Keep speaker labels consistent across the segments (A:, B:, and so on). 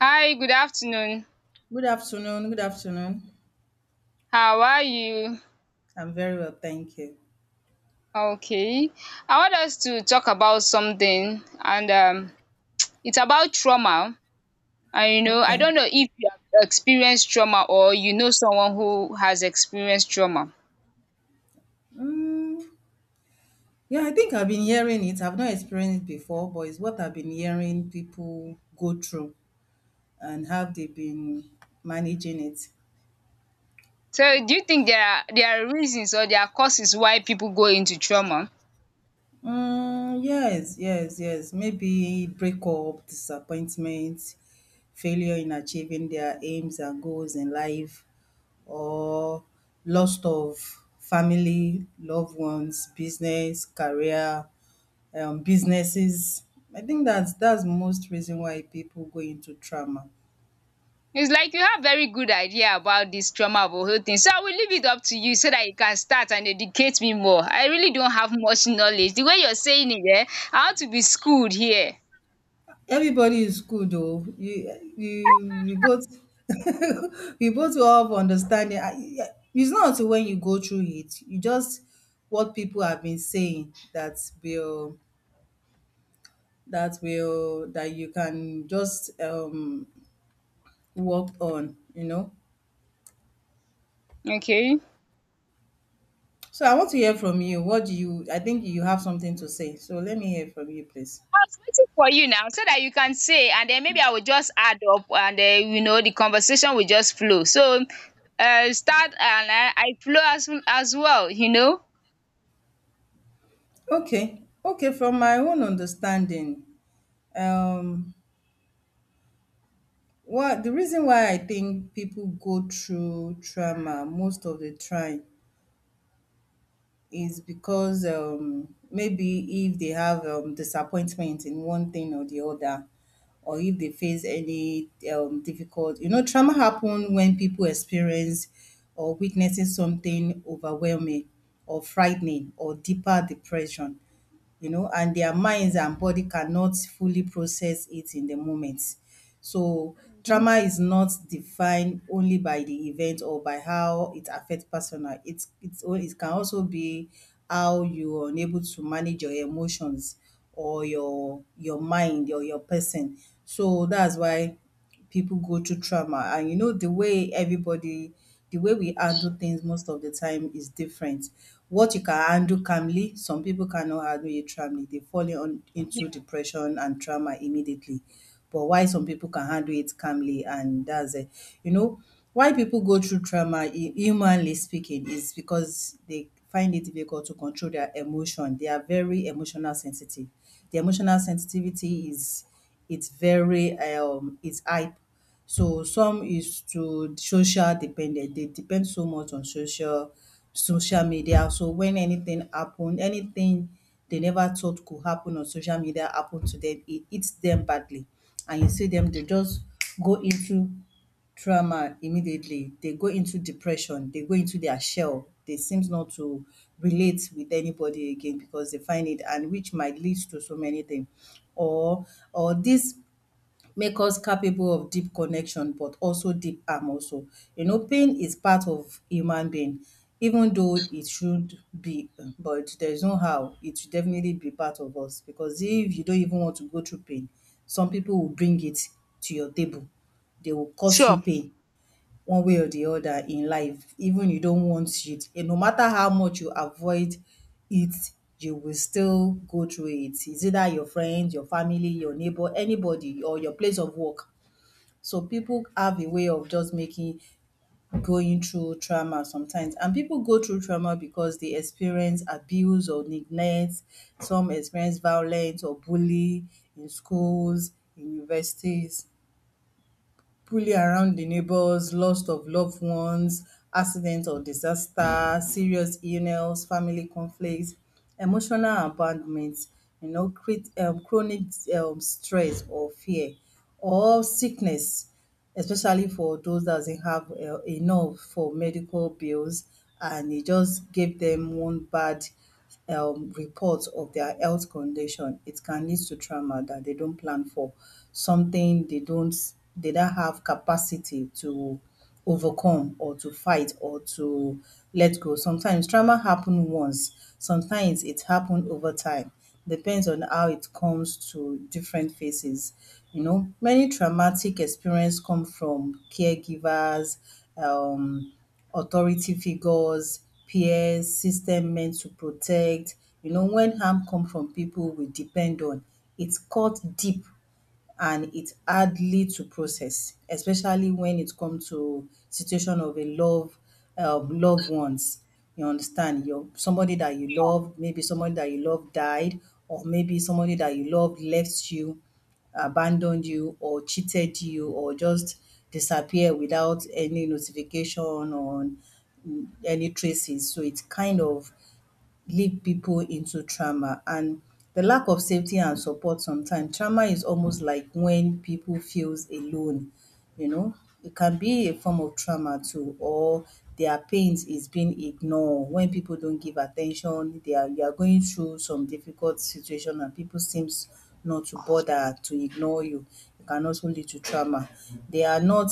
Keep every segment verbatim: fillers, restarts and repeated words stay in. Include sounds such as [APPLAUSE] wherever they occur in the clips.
A: Hi, good afternoon.
B: Good afternoon. Good afternoon.
A: How are you?
B: I'm very well, thank you.
A: Okay. I want us to talk about something and um it's about trauma. And you know, I don't
B: Okay.
A: know if you have experienced trauma or you know someone who has experienced trauma.
B: Mm, yeah, I think I've been hearing it. I've not experienced it before, but it's what I've been hearing people go through and how they've been managing it.
A: So do you think there are there are reasons or there are causes why people go into trauma?
B: Mm, yes, yes, yes. Maybe breakup, disappointment, failure in achieving their aims and goals in life, or loss of family, loved ones, business, career, um, businesses. I think that's that's most reason why people go into trauma.
A: It's like you have very good idea about this trauma of a whole thing. So I will leave it up to you so that you can start and educate me more. I really don't have much knowledge. The way you're saying it, eh, I want to be schooled here.
B: Everybody is good though. You, you, we both [LAUGHS] we both all have understanding. I- I- It's not until when you go through it, you just what people have been saying that will that will that you can just um work on. You know.
A: Okay. I
B: So I want to hear from you. What do you? I think you have something to say. So let me hear from you, please.
A: was waiting for you now so that you can say, and then maybe I will just add up, and then you know the conversation will just flow. So, uh, start and I, I flow as as well. You know.
B: Okay. Okay, from my own understanding, um, what the reason why I think people go through trauma most of the time is because um, maybe if they have um, disappointment in one thing or the other, or if they face any um, difficult, you know, trauma happen when people experience or witnessing something overwhelming or frightening or deeper depression. you know, and their minds and body cannot fully process it in the moment. So
A: Mhm.
B: trauma is not defined only by the event or by how it affects personal. It's it's it can also be how you are unable to manage your emotions or your your mind or your person. So that's why people go through trauma, and you know the way everybody, the way we handle things most of the time, is different. What you can handle calmly, some people cannot handle it calmly. They fall on, into depression and trauma immediately. But why some people can handle it calmly, and that's it. You know why people go through trauma, hu- humanly speaking, is because they find it difficult to control their emotion. They are very emotional sensitive. The emotional sensitivity is, it's very um it's hype. So some is to social dependent. They depend so much on social social media. So when anything happen, anything they never thought could happen on social media happen to them, it hits them badly. And you see them, they just go into trauma immediately. They go into depression, they go into their shell. They seems not to relate with anybody again because they find it, and which might lead to so many things. Or or this make us capable of deep connection but also deep harm also. You know, pain is part of human being, even though it should be, but there's no how it should definitely be part of us, because if you don't even want to go through pain, some people will bring it to your table. They will cause you
A: Sure.
B: pain one way or the other in life, even you don't want it. And no matter how much you avoid it, you will still go through it. It's either your friend, your family, your neighbor, anybody, or your place of work. So people have a way of just making going through trauma sometimes. And people go through trauma because they experience abuse or neglect. Some experience violence or bully in schools, in universities, poorly around the neighbors, loss of loved ones, accident or disaster, serious illness, family conflicts, emotional abandonment. You know, create um, chronic um, stress or fear or sickness, especially for those that doesn't have uh, enough for medical bills, and it just gave them one bad um, reports of their health condition. It can lead to trauma that they don't plan for, something they don't they don't have capacity to overcome or to fight or to let go. Sometimes trauma happen once, sometimes it happen over time. Depends on how it comes to different phases. You know, many traumatic experience come from caregivers, um, authority figures, peers, system meant to protect. You know, when harm come from people we depend on, it cut deep, and it's hardly to process, especially when it comes to situation of a love, um, loved ones. You understand? Your somebody that you love, maybe somebody that you love died, or maybe somebody that you love left you, abandoned you, or cheated you, or just disappear without any notification, or mm, any traces. So it's kind of lead people into trauma, and the lack of safety and support. Sometimes trauma is almost like when people feels alone, you know it can be a form of trauma too. Or their pains is being ignored, when people don't give attention. They are you are going through some difficult situation and people seems not to bother to ignore you, it can also lead to trauma. They are not,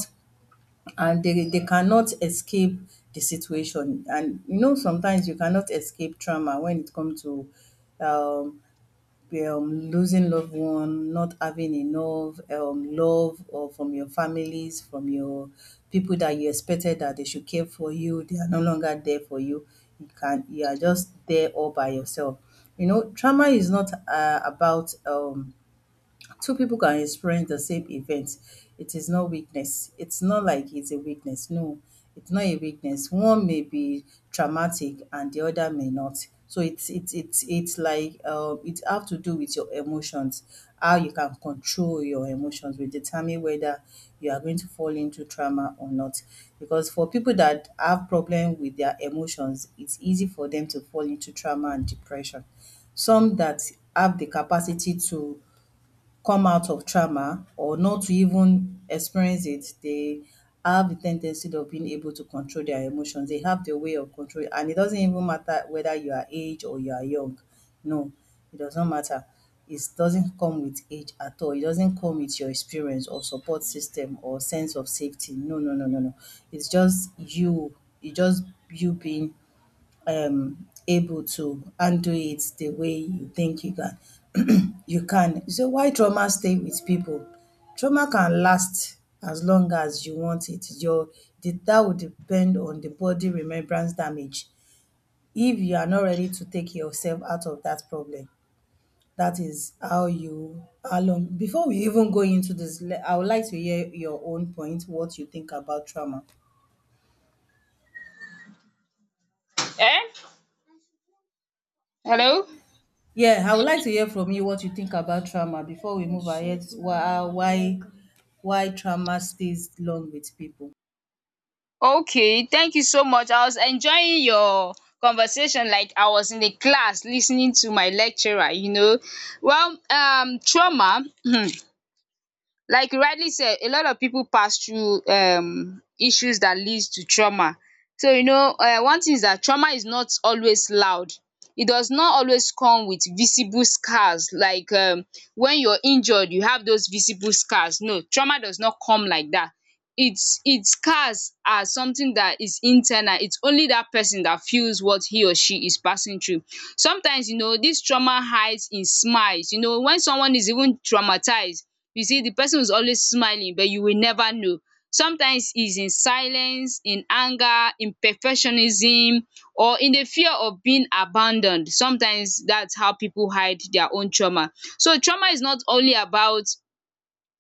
B: and they they cannot escape the situation. And you know sometimes you cannot escape trauma when it comes to um, um losing loved one, not having enough um love, or from your families, from your people that you expected that they should care for you, they are no longer there for you. You can you are just there all by yourself. You know trauma is not uh, about um Two people can experience the same event. It is not weakness. It's not like it's a weakness. No, it's not a weakness. One may be traumatic and the other may not. So it's it's it's it's like um it have to do with your emotions. How you can control your emotions will determine whether you are going to fall into trauma or not. Because for people that have problem with their emotions, it's easy for them to fall into trauma and depression. Some that have the capacity to come out of trauma or not to even experience it, they have the tendency of being able to control their emotions. They have the way of control, and it doesn't even matter whether you are age or you are young. No, it does not matter. It doesn't come with age at all. It doesn't come with your experience or support system or sense of safety. No, no, no, no, no. It's just you. It's just you being um, able to undo it the way you think you can. [CLEARS THROAT] You can. So why trauma stay with people? Trauma can last as long as you want it. Your the, that would depend on the body remembrance damage. If you are not ready to take yourself out of that problem, that is how you how long. Before we even go into this, le- I would like to hear your own point. What you think about trauma?
A: Eh? Hello.
B: Yeah, I would like to hear from you what you think about trauma before we move ahead. Why, why, why trauma stays long with people?
A: Okay, thank you so much. I was enjoying your conversation like I was in the class listening to my lecturer, you know. Well, um trauma [CLEARS THROAT] like you rightly said, a lot of people pass through um issues that leads to trauma. So you know, um one thing is that trauma is not always loud. It does not always come with visible scars like, um when you're injured you have those visible scars. No, trauma does not come like that. Its its scars are something that is internal. Its only that person that feels what he or she is passing through. Sometimes, you know, this trauma hides in smiles. You know, when someone is even traumatized, you see the person is always smiling but you will never know. Sometimes is in silence, in anger, in perfectionism, or in the fear of being abandoned. Sometimes that's how people hide their own trauma. So trauma is not only about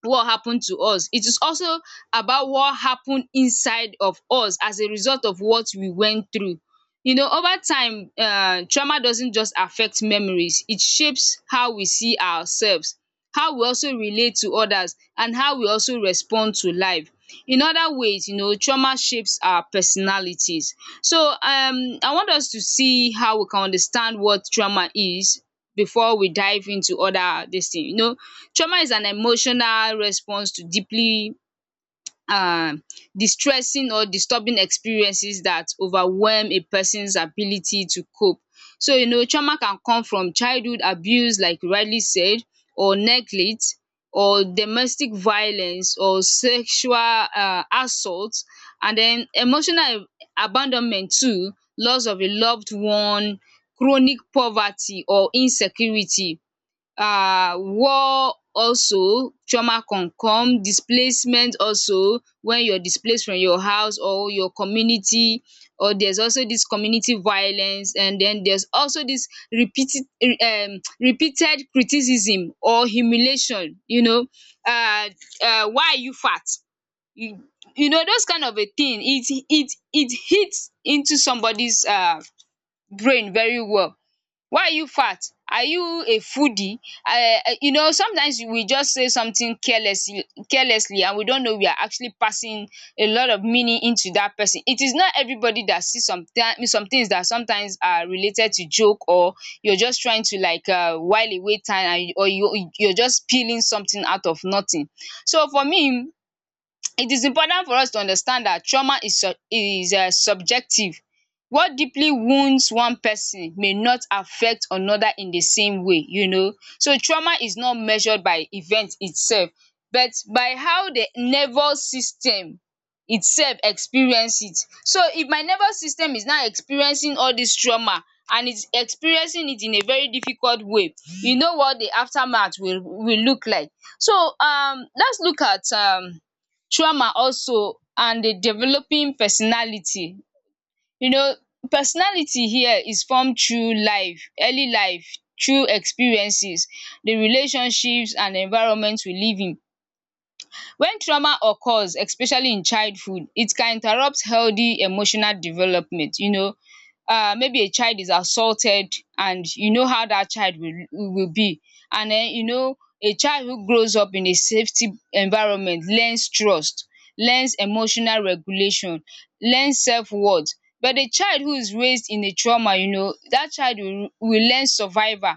A: what happened to us. It is also about what happened inside of us as a result of what we went through. You know, over time, uh, trauma doesn't just affect memories, it shapes how we see ourselves, how we also relate to others, and how we also respond to life. In other ways, you know, trauma shapes our personalities. So, um, I want us to see how we can understand what trauma is before we dive into other this thing. You know, trauma is an emotional response to deeply, um distressing or disturbing experiences that overwhelm a person's ability to cope. So you know, trauma can come from childhood abuse like you rightly said, or neglect, or domestic violence, or sexual um assault, and then emotional ab- abandonment too, loss of a loved one, chronic poverty or insecurity, um war also. Trauma can come displacement also, when you're displaced from your house or your community, or there's also this community violence, and then there's also this repeated um repeated criticism or humiliation, you know. uh, uh, why are you fat? You you know those kind of a thing, it it it hits into somebody's uh brain very well. Why are you fat? Are you a foodie? Um you know, sometimes we just say something carelessly carelessly, and we don't know we are actually passing a lot of meaning into that person. It is not everybody that sees some th- some things that sometimes are related to joke, or you're just trying to, like, um while away time, and or you you're just peeling something out of nothing. So for me it is important for us to understand that trauma is sub is um subjective. What deeply wounds one person may not affect another in the same way, you know. So trauma is not measured by event itself but by how the nervous system itself experience it. So if my nervous system is now experiencing all this trauma and is experiencing it in a very difficult way, you know what the aftermath will will look like. So um let's look at um trauma also and the developing personality. You know, personality here is formed through life, early life, through experiences, the relationships and environment we live in. When trauma occurs, especially in childhood, it can interrupt healthy emotional development. You know, uh, maybe a child is assaulted and you know how that child will will be. And then, you know, a child who grows up in a safety environment learns trust, learns emotional regulation, learns self worth. But a child who is raised in a trauma, you know, that child will will learn survival,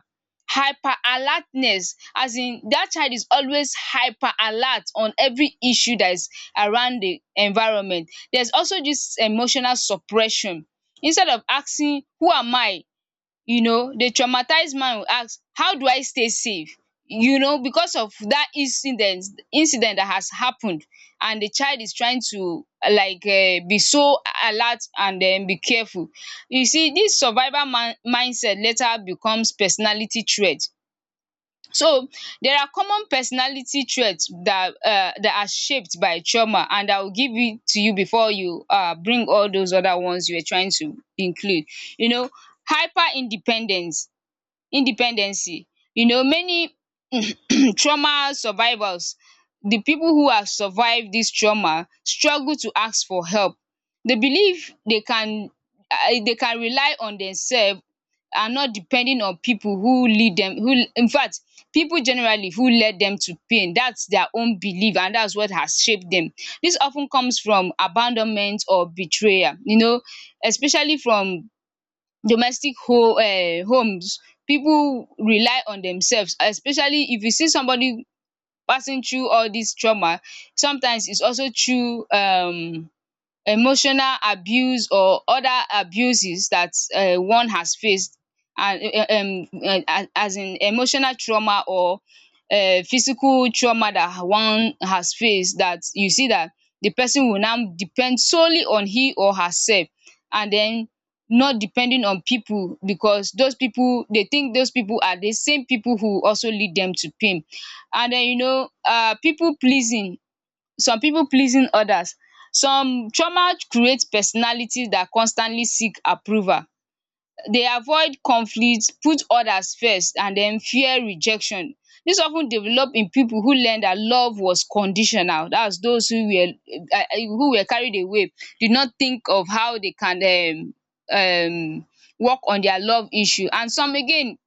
A: hyper alertness, as in that child is always hyper alert on every issue that is around the environment. There's also this emotional suppression. Instead of asking who am I, you know, the traumatized man will ask how do I stay safe, you know, because of that incident incident that has happened, and the child is trying to, uh, like, um be so alert and then be careful. You see this survival man- mindset later becomes personality trait. So there are common personality traits that um that are shaped by trauma, and I will give it to you before you um bring all those other ones you were trying to include. You know, hyper independence, independency. You know, many [CLEARS THROAT] trauma survivors, the people who have survived this trauma, struggle to ask for help. They believe they can um they can rely on themselves, and not depending on people who lead them, who in fact, people generally, who led them to pain. That's their own belief and that's what has shaped them. This often comes from abandonment or betrayal, you know, especially from domestic ho um homes. People rely on themselves, especially if you see somebody passing through all this trauma. Sometimes it's also through um emotional abuse or other abuses that um one has faced, and um um, uh, as in emotional trauma or um physical trauma that one has faced, that you see that the person will now depend solely on he or herself, and then not depending on people because those people, they think those people are the same people who also lead them to pain. And then, you know, um pipu pleasing, some pipu pleasing others. Some trauma create personality dat constantly seek approval. Dey avoid conflict, put others first and den fear rejection. Dis of ten develop in pipu who learn dat love was conditional, dats those who were, um who were carried away, did not think of how dey can um um work on their love issue. And some again,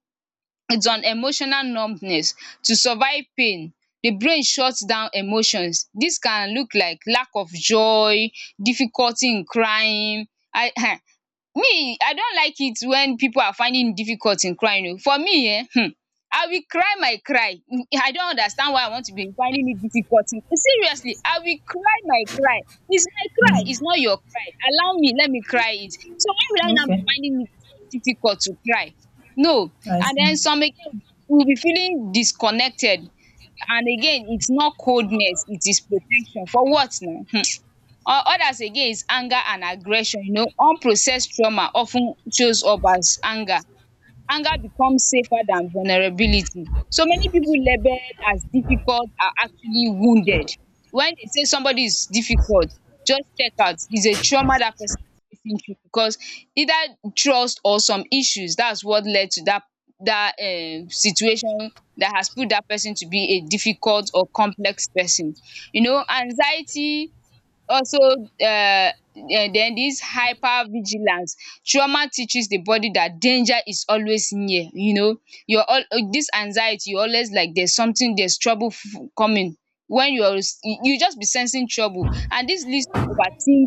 A: it's an emotional numbness. To survive pain, the brain shuts down emotions. Dis can look like lack of joy, difficulty in crying. I [LAUGHS] um Me I don like it when pipu are finding it difficult in crying oh. For me, um um I will cry my cry. um I don understand why I want to be finding it difficult in, seriously, I will cry my cry. It's my cry, it's not your cry. Allow me, let me cry it. So why will I now be
B: Okay,
A: finding it so difficult to cry? No,
B: I
A: and
B: see.
A: then some again will be feeling disconnected, and again, it's not coldness, it is protection. For what now? um Others again is anger and aggression. You know, unprocessed trauma of ten shows up as anger. Anger becomes safer than vulnerability. So many people labeled as difficult are actually wounded. When they say somebody is difficult, just check out is a trauma that person is facing through, because either trust or some issues, that's what led to that that um situation that has put that person to be a difficult or complex person. You know, anxiety also, um den dis hyper vigilance. Trauma teaches the body that danger is always near, you know. You're Your this anxiety, you always like there's something, there's trouble f- coming. When you're s- you are you just be sensing trouble, and this leads to overthinking,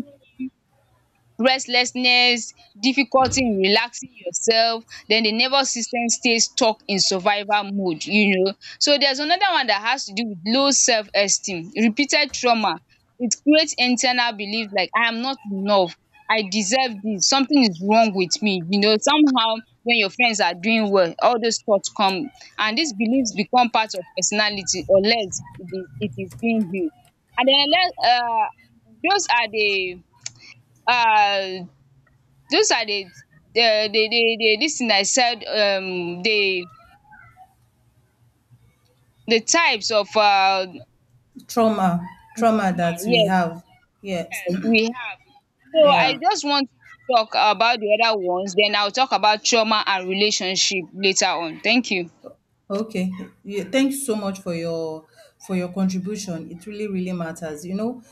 A: restlessness, difficulty in relaxing yourself. Then the nervous system stays stuck in survival mode, you know. So there's another one that has to do with low self-esteem, repeated trauma. It creates internal belief like I am not enough, I deserve this, something is wrong with me, you know. Somehow when your friends are doing well, all those thoughts come, and these beliefs become part of personality unless it is, it is being healed. And then let, um those are the uh. Those are the, uh, the the the this thing I said, um the the types of um
B: Trauma, trauma
A: trauma,
B: that we
A: yes,
B: have. Yes,
A: um we have.
B: [CLEARS THROAT]
A: So I
B: yeah.
A: just want to talk about the other ones, then I'll talk about trauma and relationship later on. Thank you.
B: Okay. Yeah, thank you so much for your for your contribution. It really, really matters. You know,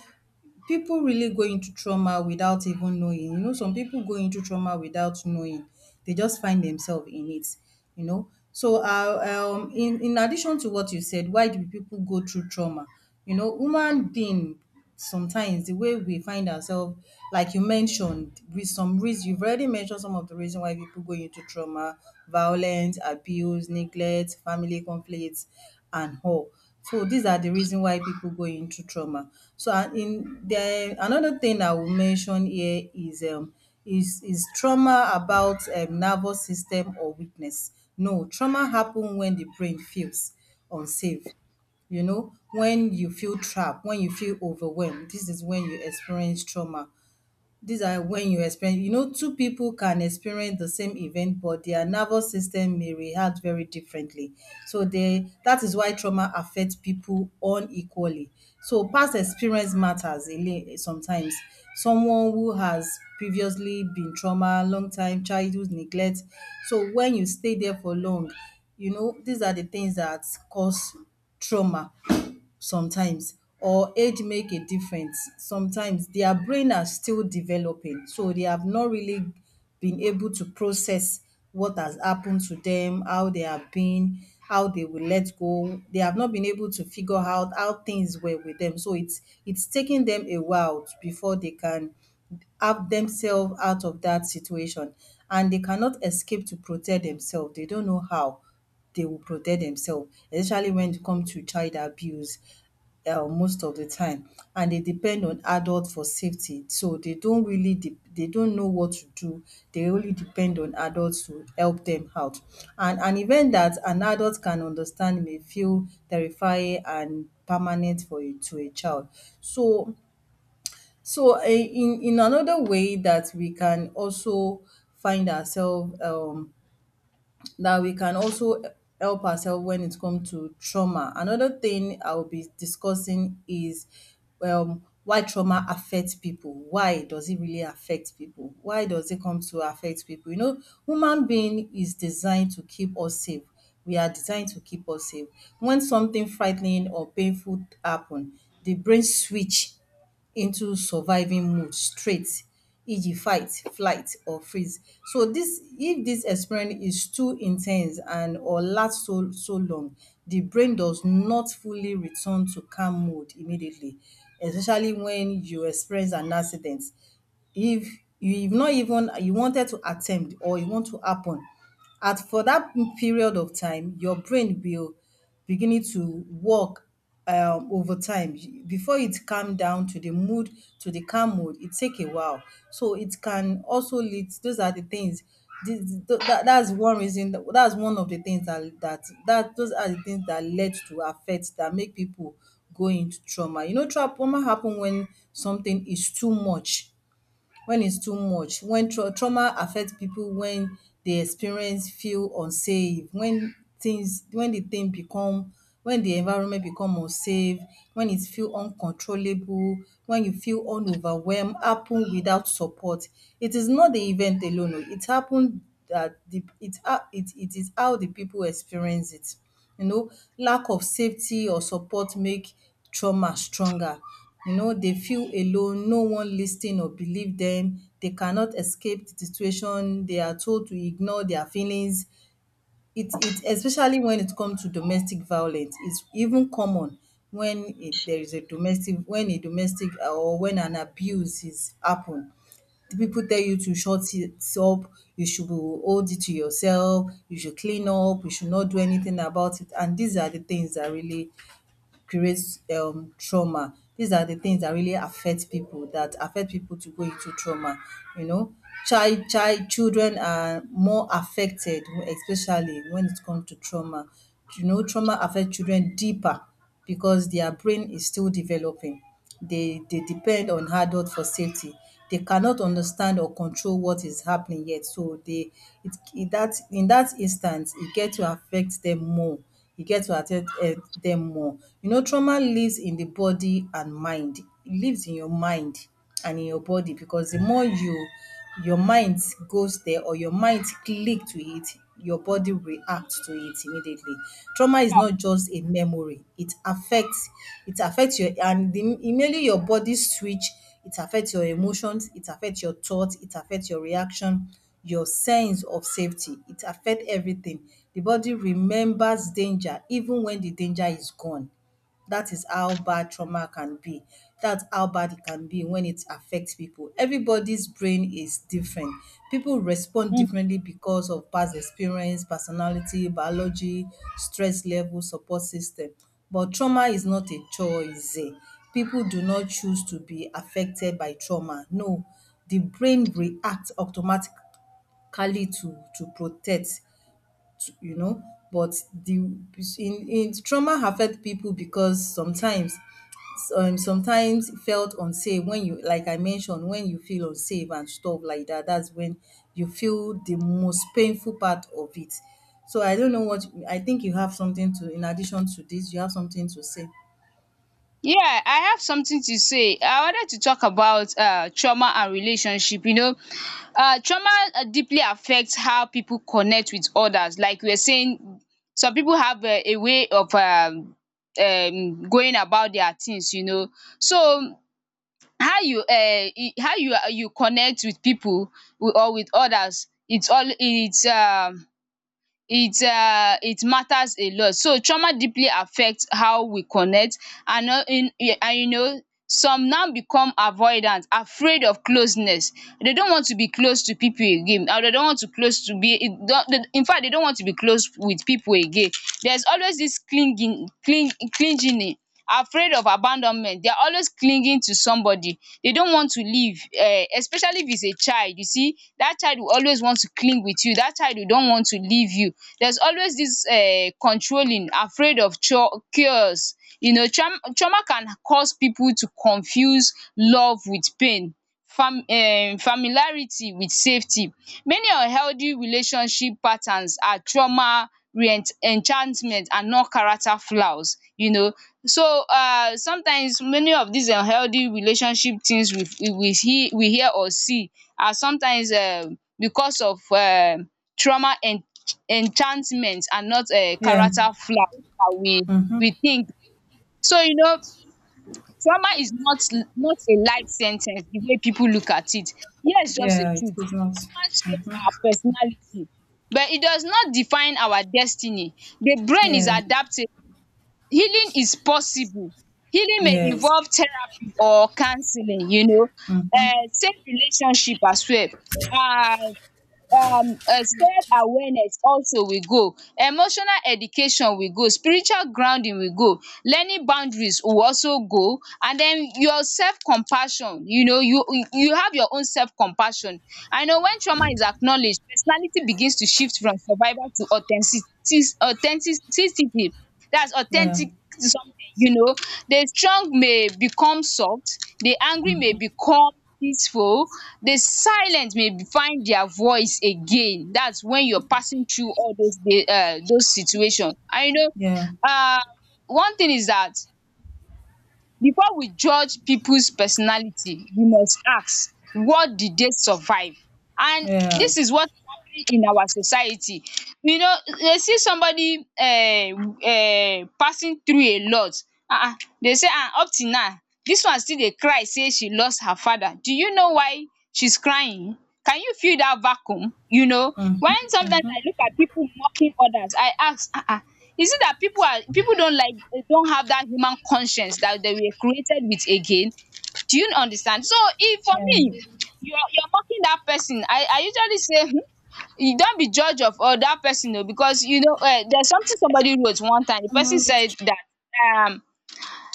B: people really go into trauma without even knowing. You know, some people go into trauma without knowing. They just find themselves in it, you know. So, uh, um, in, in addition to what you said, why do people go through trauma? You know, human being, sometimes the way we find ourselves, like you mentioned, with some reason, you've already mentioned some of the reason why people go into trauma: violence, abuse, neglect, family conflicts, and all. So these are the reason why people go into trauma. So, and in the another thing I will mention here is um is is trauma about um nervous system or weakness. No, trauma happen when the brain feels unsafe. You know, when you feel trapped, when you feel overwhelmed, this is when you experience trauma. These are when you experience, you know, two people can experience the same event, but their nervous system may react very differently. So they that is why trauma affects people unequally. So past experience matters a li- sometimes. Someone who has previously been trauma, long time childhood neglect. So when you stay there for long, you know, these are the things that cause trauma sometimes, or age make a difference sometimes. Their brain are still developing, so they have not really been able to process what has happened to them, how they have been, how they will let go. They have not been able to figure out how things were with them. So it's it's taking them a while before they can have themselves out of that situation, and they cannot escape to protect themselves. They don't know how they will protect themselves, especially when it comes to child abuse, um most of the time, and they depend on adult for safety. So they don't really de they don't know what to do. They only depend on adults to help them out. And an event that an adult can understand may feel terrifying and permanent for a to a child. So so, eh, in in another way that we can also find ourselves, um, that we can also help ourselves when it comes to trauma. Another thing I will be discussing is um, why trauma affects people. Why does it really affect people? Why does it come to affect people? You know, human being is designed to keep us safe. We are designed to keep us safe. When something frightening or painful happen, the brain switch into surviving mode straight e g fight, flight or freeze. So dis if dis experience is too in ten se and or last so so long, the brain does not fully return to calm mode immediately, especially when you experience an accident. If you, if not even you wanted to attempt or e want to happen at for that period of time, your brain will beginning to work um over time before it calm down to the mood, to the calm mood, it take a while. So it can also lead, those are the things, this that that's one reason That, that's one of the things that that that those are the things that led to affect, that make people go into trauma. You know, tra- trauma happen when something is too much. When it's too much, when tra- trauma affect people, when dey experience feel unsafe, when things when the thing become, when the environment become unsafe, when it feel uncontrollable, when you feel un overwhelmed happen without support. It is not the event alone o it happen, that the it ha- it it is how the people experience it, you know. Lack of safety or support make trauma stronger. You know, dey feel alone, no one lis ten or believe dem, they cannot escape the situation, they are told to ignore their feelings. It it especially when it come to domestic violence, it's even common. When a there is a domestic when a domestic or when an abuse is happen, the people tell you to shut it up, you should hold it to yourself, you should clean up, you should not do anything about it. And these are the things that really creates um trauma. These are the things that really affect people, that affect people to go into trauma. You know, child child children are more affected, especially when it comes to trauma. You know, trauma affect children deeper because their brain is still developing. They they depend on adult for safety. They cannot understand or control what is happening yet. So they, it in that in that instance, e get to affect them more. E get to affect um dem more. You know, trauma lives in the body and mind. E lives in your mind and in your body, because the more you, your mind goes there, or your mind click to it, your body reacts to it immediately. Trauma is not just a memory, it affects, it affects your and the immediately your body switch it affects your emotions, it affects your thoughts, it affects your reaction, your sense of safety, it affects everything. The body remembers danger even when the danger is gone. That is how bad trauma can be. That's how bad it can be when it affects people. Everybody's brain is different. People respond differently because of past experience, personality, biology, stress level, support system. But trauma is not a choice. eh. People do not choose to be affected by trauma. No, the brain reacts automatically to to protect, to, you know but the in, in trauma affect people because sometimes, um, sometimes felt unsafe, when you, like I mentioned, when you feel unsafe and stuff like that, that's when you feel the most painful part of it. So I don't know what, I think you have something to, in addition to this, you have something to say.
A: Yeah, I have something to say. I wanted to talk about, uh, trauma and relationship. You know, uh, trauma uh, deeply affects how people connect with others. Like we are saying, some people have, uh, a way of, um, um, going about their things. You know, so how you uh, i- how you uh, you connect with people wi- or with others, it's all it's um it um it matters a lot. So trauma deeply affect how we connect and and you know some now become avoidant, afraid of closeness. They don't want to be close to pipu again, or they don't want to close to be in fact they don't want to be close with pipu again. There's always dis clinging cling clingy, afraid of abandonment. They are always clinging to somebody, they don't want to leave, um especially if it's a child. You see that child will always want to cling with you, that child will don't want to leave you. There's always this um controlling, afraid of cures. You know, trauma trauma can cause people to confuse love with pain, Fam um familiarity with safety. Many unhealthy relationship patterns are trauma re-enchantment and not character flaws, you know. So, um sometimes many of dis unhealthy relationship things we we hear we hear or see are sometimes um because of um trauma en enchantment and not um
B: Yeah.
A: character flaw dat we
B: Mm.
A: we think. So, you know, trauma is not not a life sen ten ce the way people look at it. Here's just the
B: Yeah. It's
A: truth.
B: Christmas.
A: Trauma shapes our personality, but it does not define our destiny. The brain is
B: Yeah.
A: adaptable. Healing is possible. Healing may
B: Yes.
A: involve therapy or counselling, you know, um safe relationship as well, um um um self awareness also we go, emotional education we go, spiritual grounding we go, learning boundaries we also go, and then your self compassion. You know, you you have your own self compassion. I know when trauma is acknowledged, personality begins to shift from survival to authenticity authenticity. That's
B: Yeah.
A: authentic something, you know. The strong may become soft, the angry may become peaceful, the silence may be- find their voice again. That's when you're passing through all those day um those situation. And you know,
B: Yeah.
A: um one thing is that before we judge people's personality, we must ask, what did they survive? And
B: Yeah.
A: this is what is happening in our society. You know, they see somebody um um passing through a lot. um they say, um up till now, dis one still dey cry sey she lost her father. Do you know why she's crying? Can you feel dat vacuum? You know, when
B: Mm.
A: sometimes I look at pipu mocking others, I ask, um is it dat pipu are pipu don't like don't have dat human conscience dat they were created with again? Do you understand? So if for me,
B: Yeah.
A: you're you're mocking dat person, I I usually say, um you don't be judge of other person oo. Because you know, um there's something somebody wrote one time. The person said that, um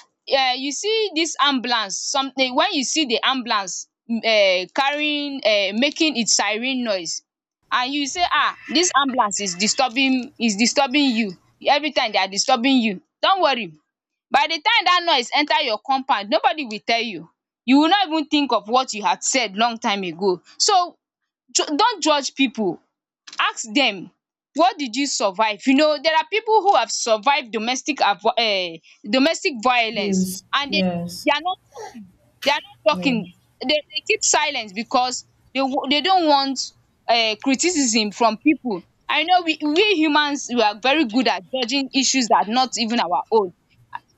A: um you see this ambulance something when you see the ambulance um carrying, um making its siren noise, and you say, um this ambulance is disturbing is disturbing you every time. They are disturbing you, don't worry. By the time that noise enter your compound, nobody will tell you. You will not even think of what you had said long time ago. So ju don't judge people, ask dem, what did you survive? You know, there are pipu who have survive domestic um domestic violence,
B: Views.
A: and dey
B: Yes.
A: they are not talking, they are not
B: Yeah.
A: talking. Dey dey keep silent because dey dey don't want um criticism from pipu. And you know, we we humans, we are very good at judging issues that are not even our own.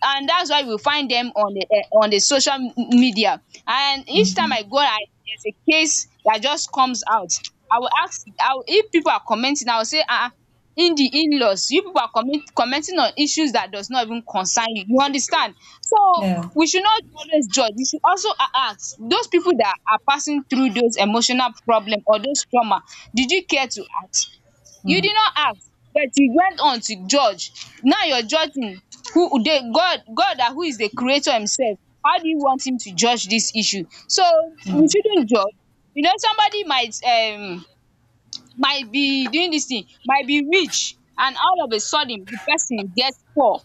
A: And that's why we find them on the eh on the social m- media. And each time
B: Mm.
A: I go and there's a case that just comes out, I will ask I will, if people are commenting, I will say, ah, ah, in the in-laws, you people are comment commenting on issues that does not even concern you. You understand? So
B: Yeah.
A: we should not always judge. We should also a ask those people that are passing through those emotional problem or those trauma, did you care to ask? You did
B: Mm.
A: not ask, but you went on to judge. Now you're judging who? The God God that, who is the creator himself. How do you want him to judge this issue? So we
B: Mm.
A: shouldn't judge. You know, somebody might, um might be doing this thing, might be rich, and all of a sudden the person gets poor.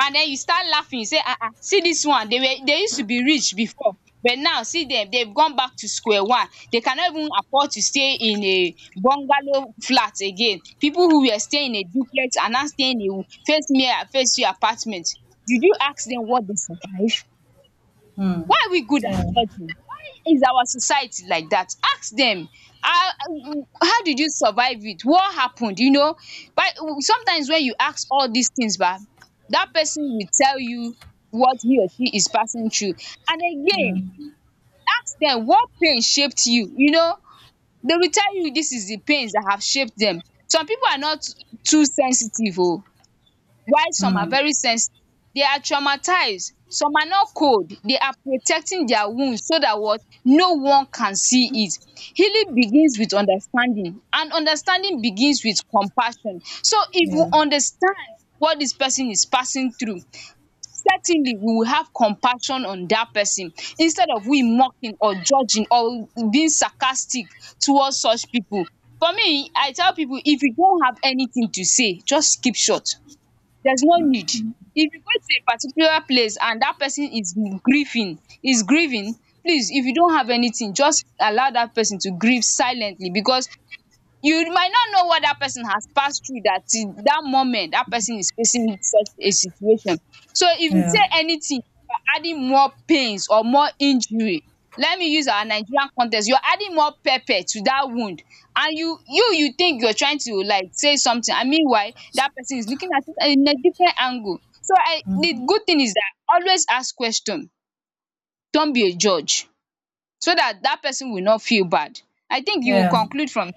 A: And then you start laughing. You say, "Ah, ah! See this one. They were they used to be rich before, but now see them. They've gone back to square one. They cannot even afford to stay in a bungalow flat again. People who were staying in a duplex are now staying in a face me I face you apartment. Did you ask them what they survive?
B: Mm.
A: Why are we good
B: Yeah.
A: at judging? Why is our society like that? Ask them, how, how did you survive it? What happened? You know, but sometimes when you ask all these things, ba, that person will tell you what he or she is passing through. And
B: Yeah.
A: again, ask them, what pain shaped you? You know, they will tell you this is the pains that have shaped them. Some people are not too sensitive. Oh. While some are
B: Mm.
A: very sensitive, they are traumatized. Some are not cold, they are protecting their wound so that what no one can see it. Healing begins with understanding, and understanding begins with compassion. So if we
B: Yeah.
A: understand what this person is passing through, certainly we will have compassion on that person, instead of we mocking or judging or being sarcastic towards such people. For me, I tell people, if you don't have anything to say, just keep short. There's no need. If you go to a particular place and that person is grieving is grieving, please, if you don't have anything, just allow that person to grieve silently. Because you might not know what that person has passed through, that till that moment that person is facing such a situation. So if you
B: Yeah,
A: say anything, you are adding more pains or more injury. Let me use our Nigerian context. You are adding more pepper to that wound. And you you you think you are trying to like say something, and meanwhile that person is looking at it in a different angle. So I the good thing is that always ask question, don't be a judge, so that that person will not feel bad. I think you will
B: yeah,
A: conclude from.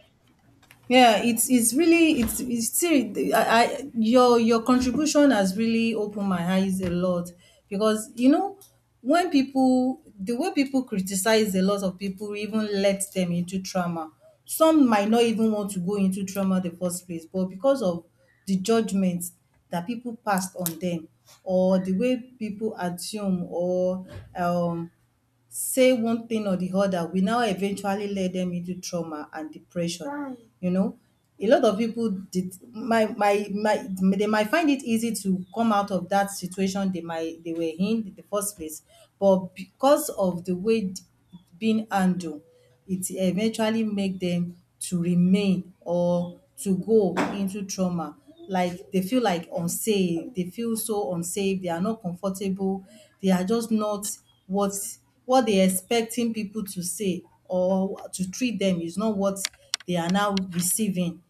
B: yeah. It's it's really it's it's still I, I your your contribution has really opened my eyes a lot, because you know, when people, the way people criticize a lot of people, even lets them into trauma. Some might not even want to go into trauma the first place, but because of the judgments that people passed on them, or the way people assume, or um say one thing or the other, will now eventually lead them into trauma and depression. Right. You know, a lot of people did my my my they might find it easy to come out of that situation they might, they were in in the first place, but because of the way being handled, it eventually make dem to remain or to go into trauma. Like they feel like unsafe, they feel so unsafe, they are not comfortable, they are just not what, what they expecting pipu to say or to treat dem is not what they are now receiving.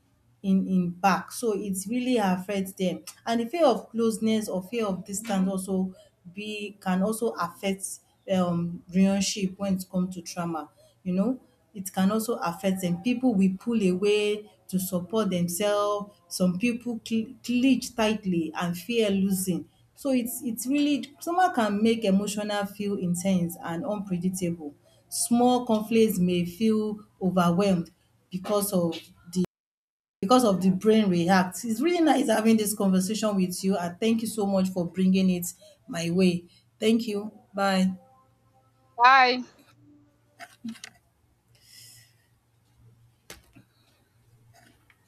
B: in in back, so it really affects them, and the fear of closeness or fear of distance also be can also affect um relationship when it comes to trauma. You know, it can also affect them, people will pull away to support themselves, some people cl- clinch tightly and fear losing. So it's it's really trauma can make emotional feel intense and unpredictable. Small conflicts may feel overwhelmed because of the, because of the brain reacts. It's really nice having this conversation with you, and thank you so much for bringing it my way. Thank you. Bye.
A: Bye.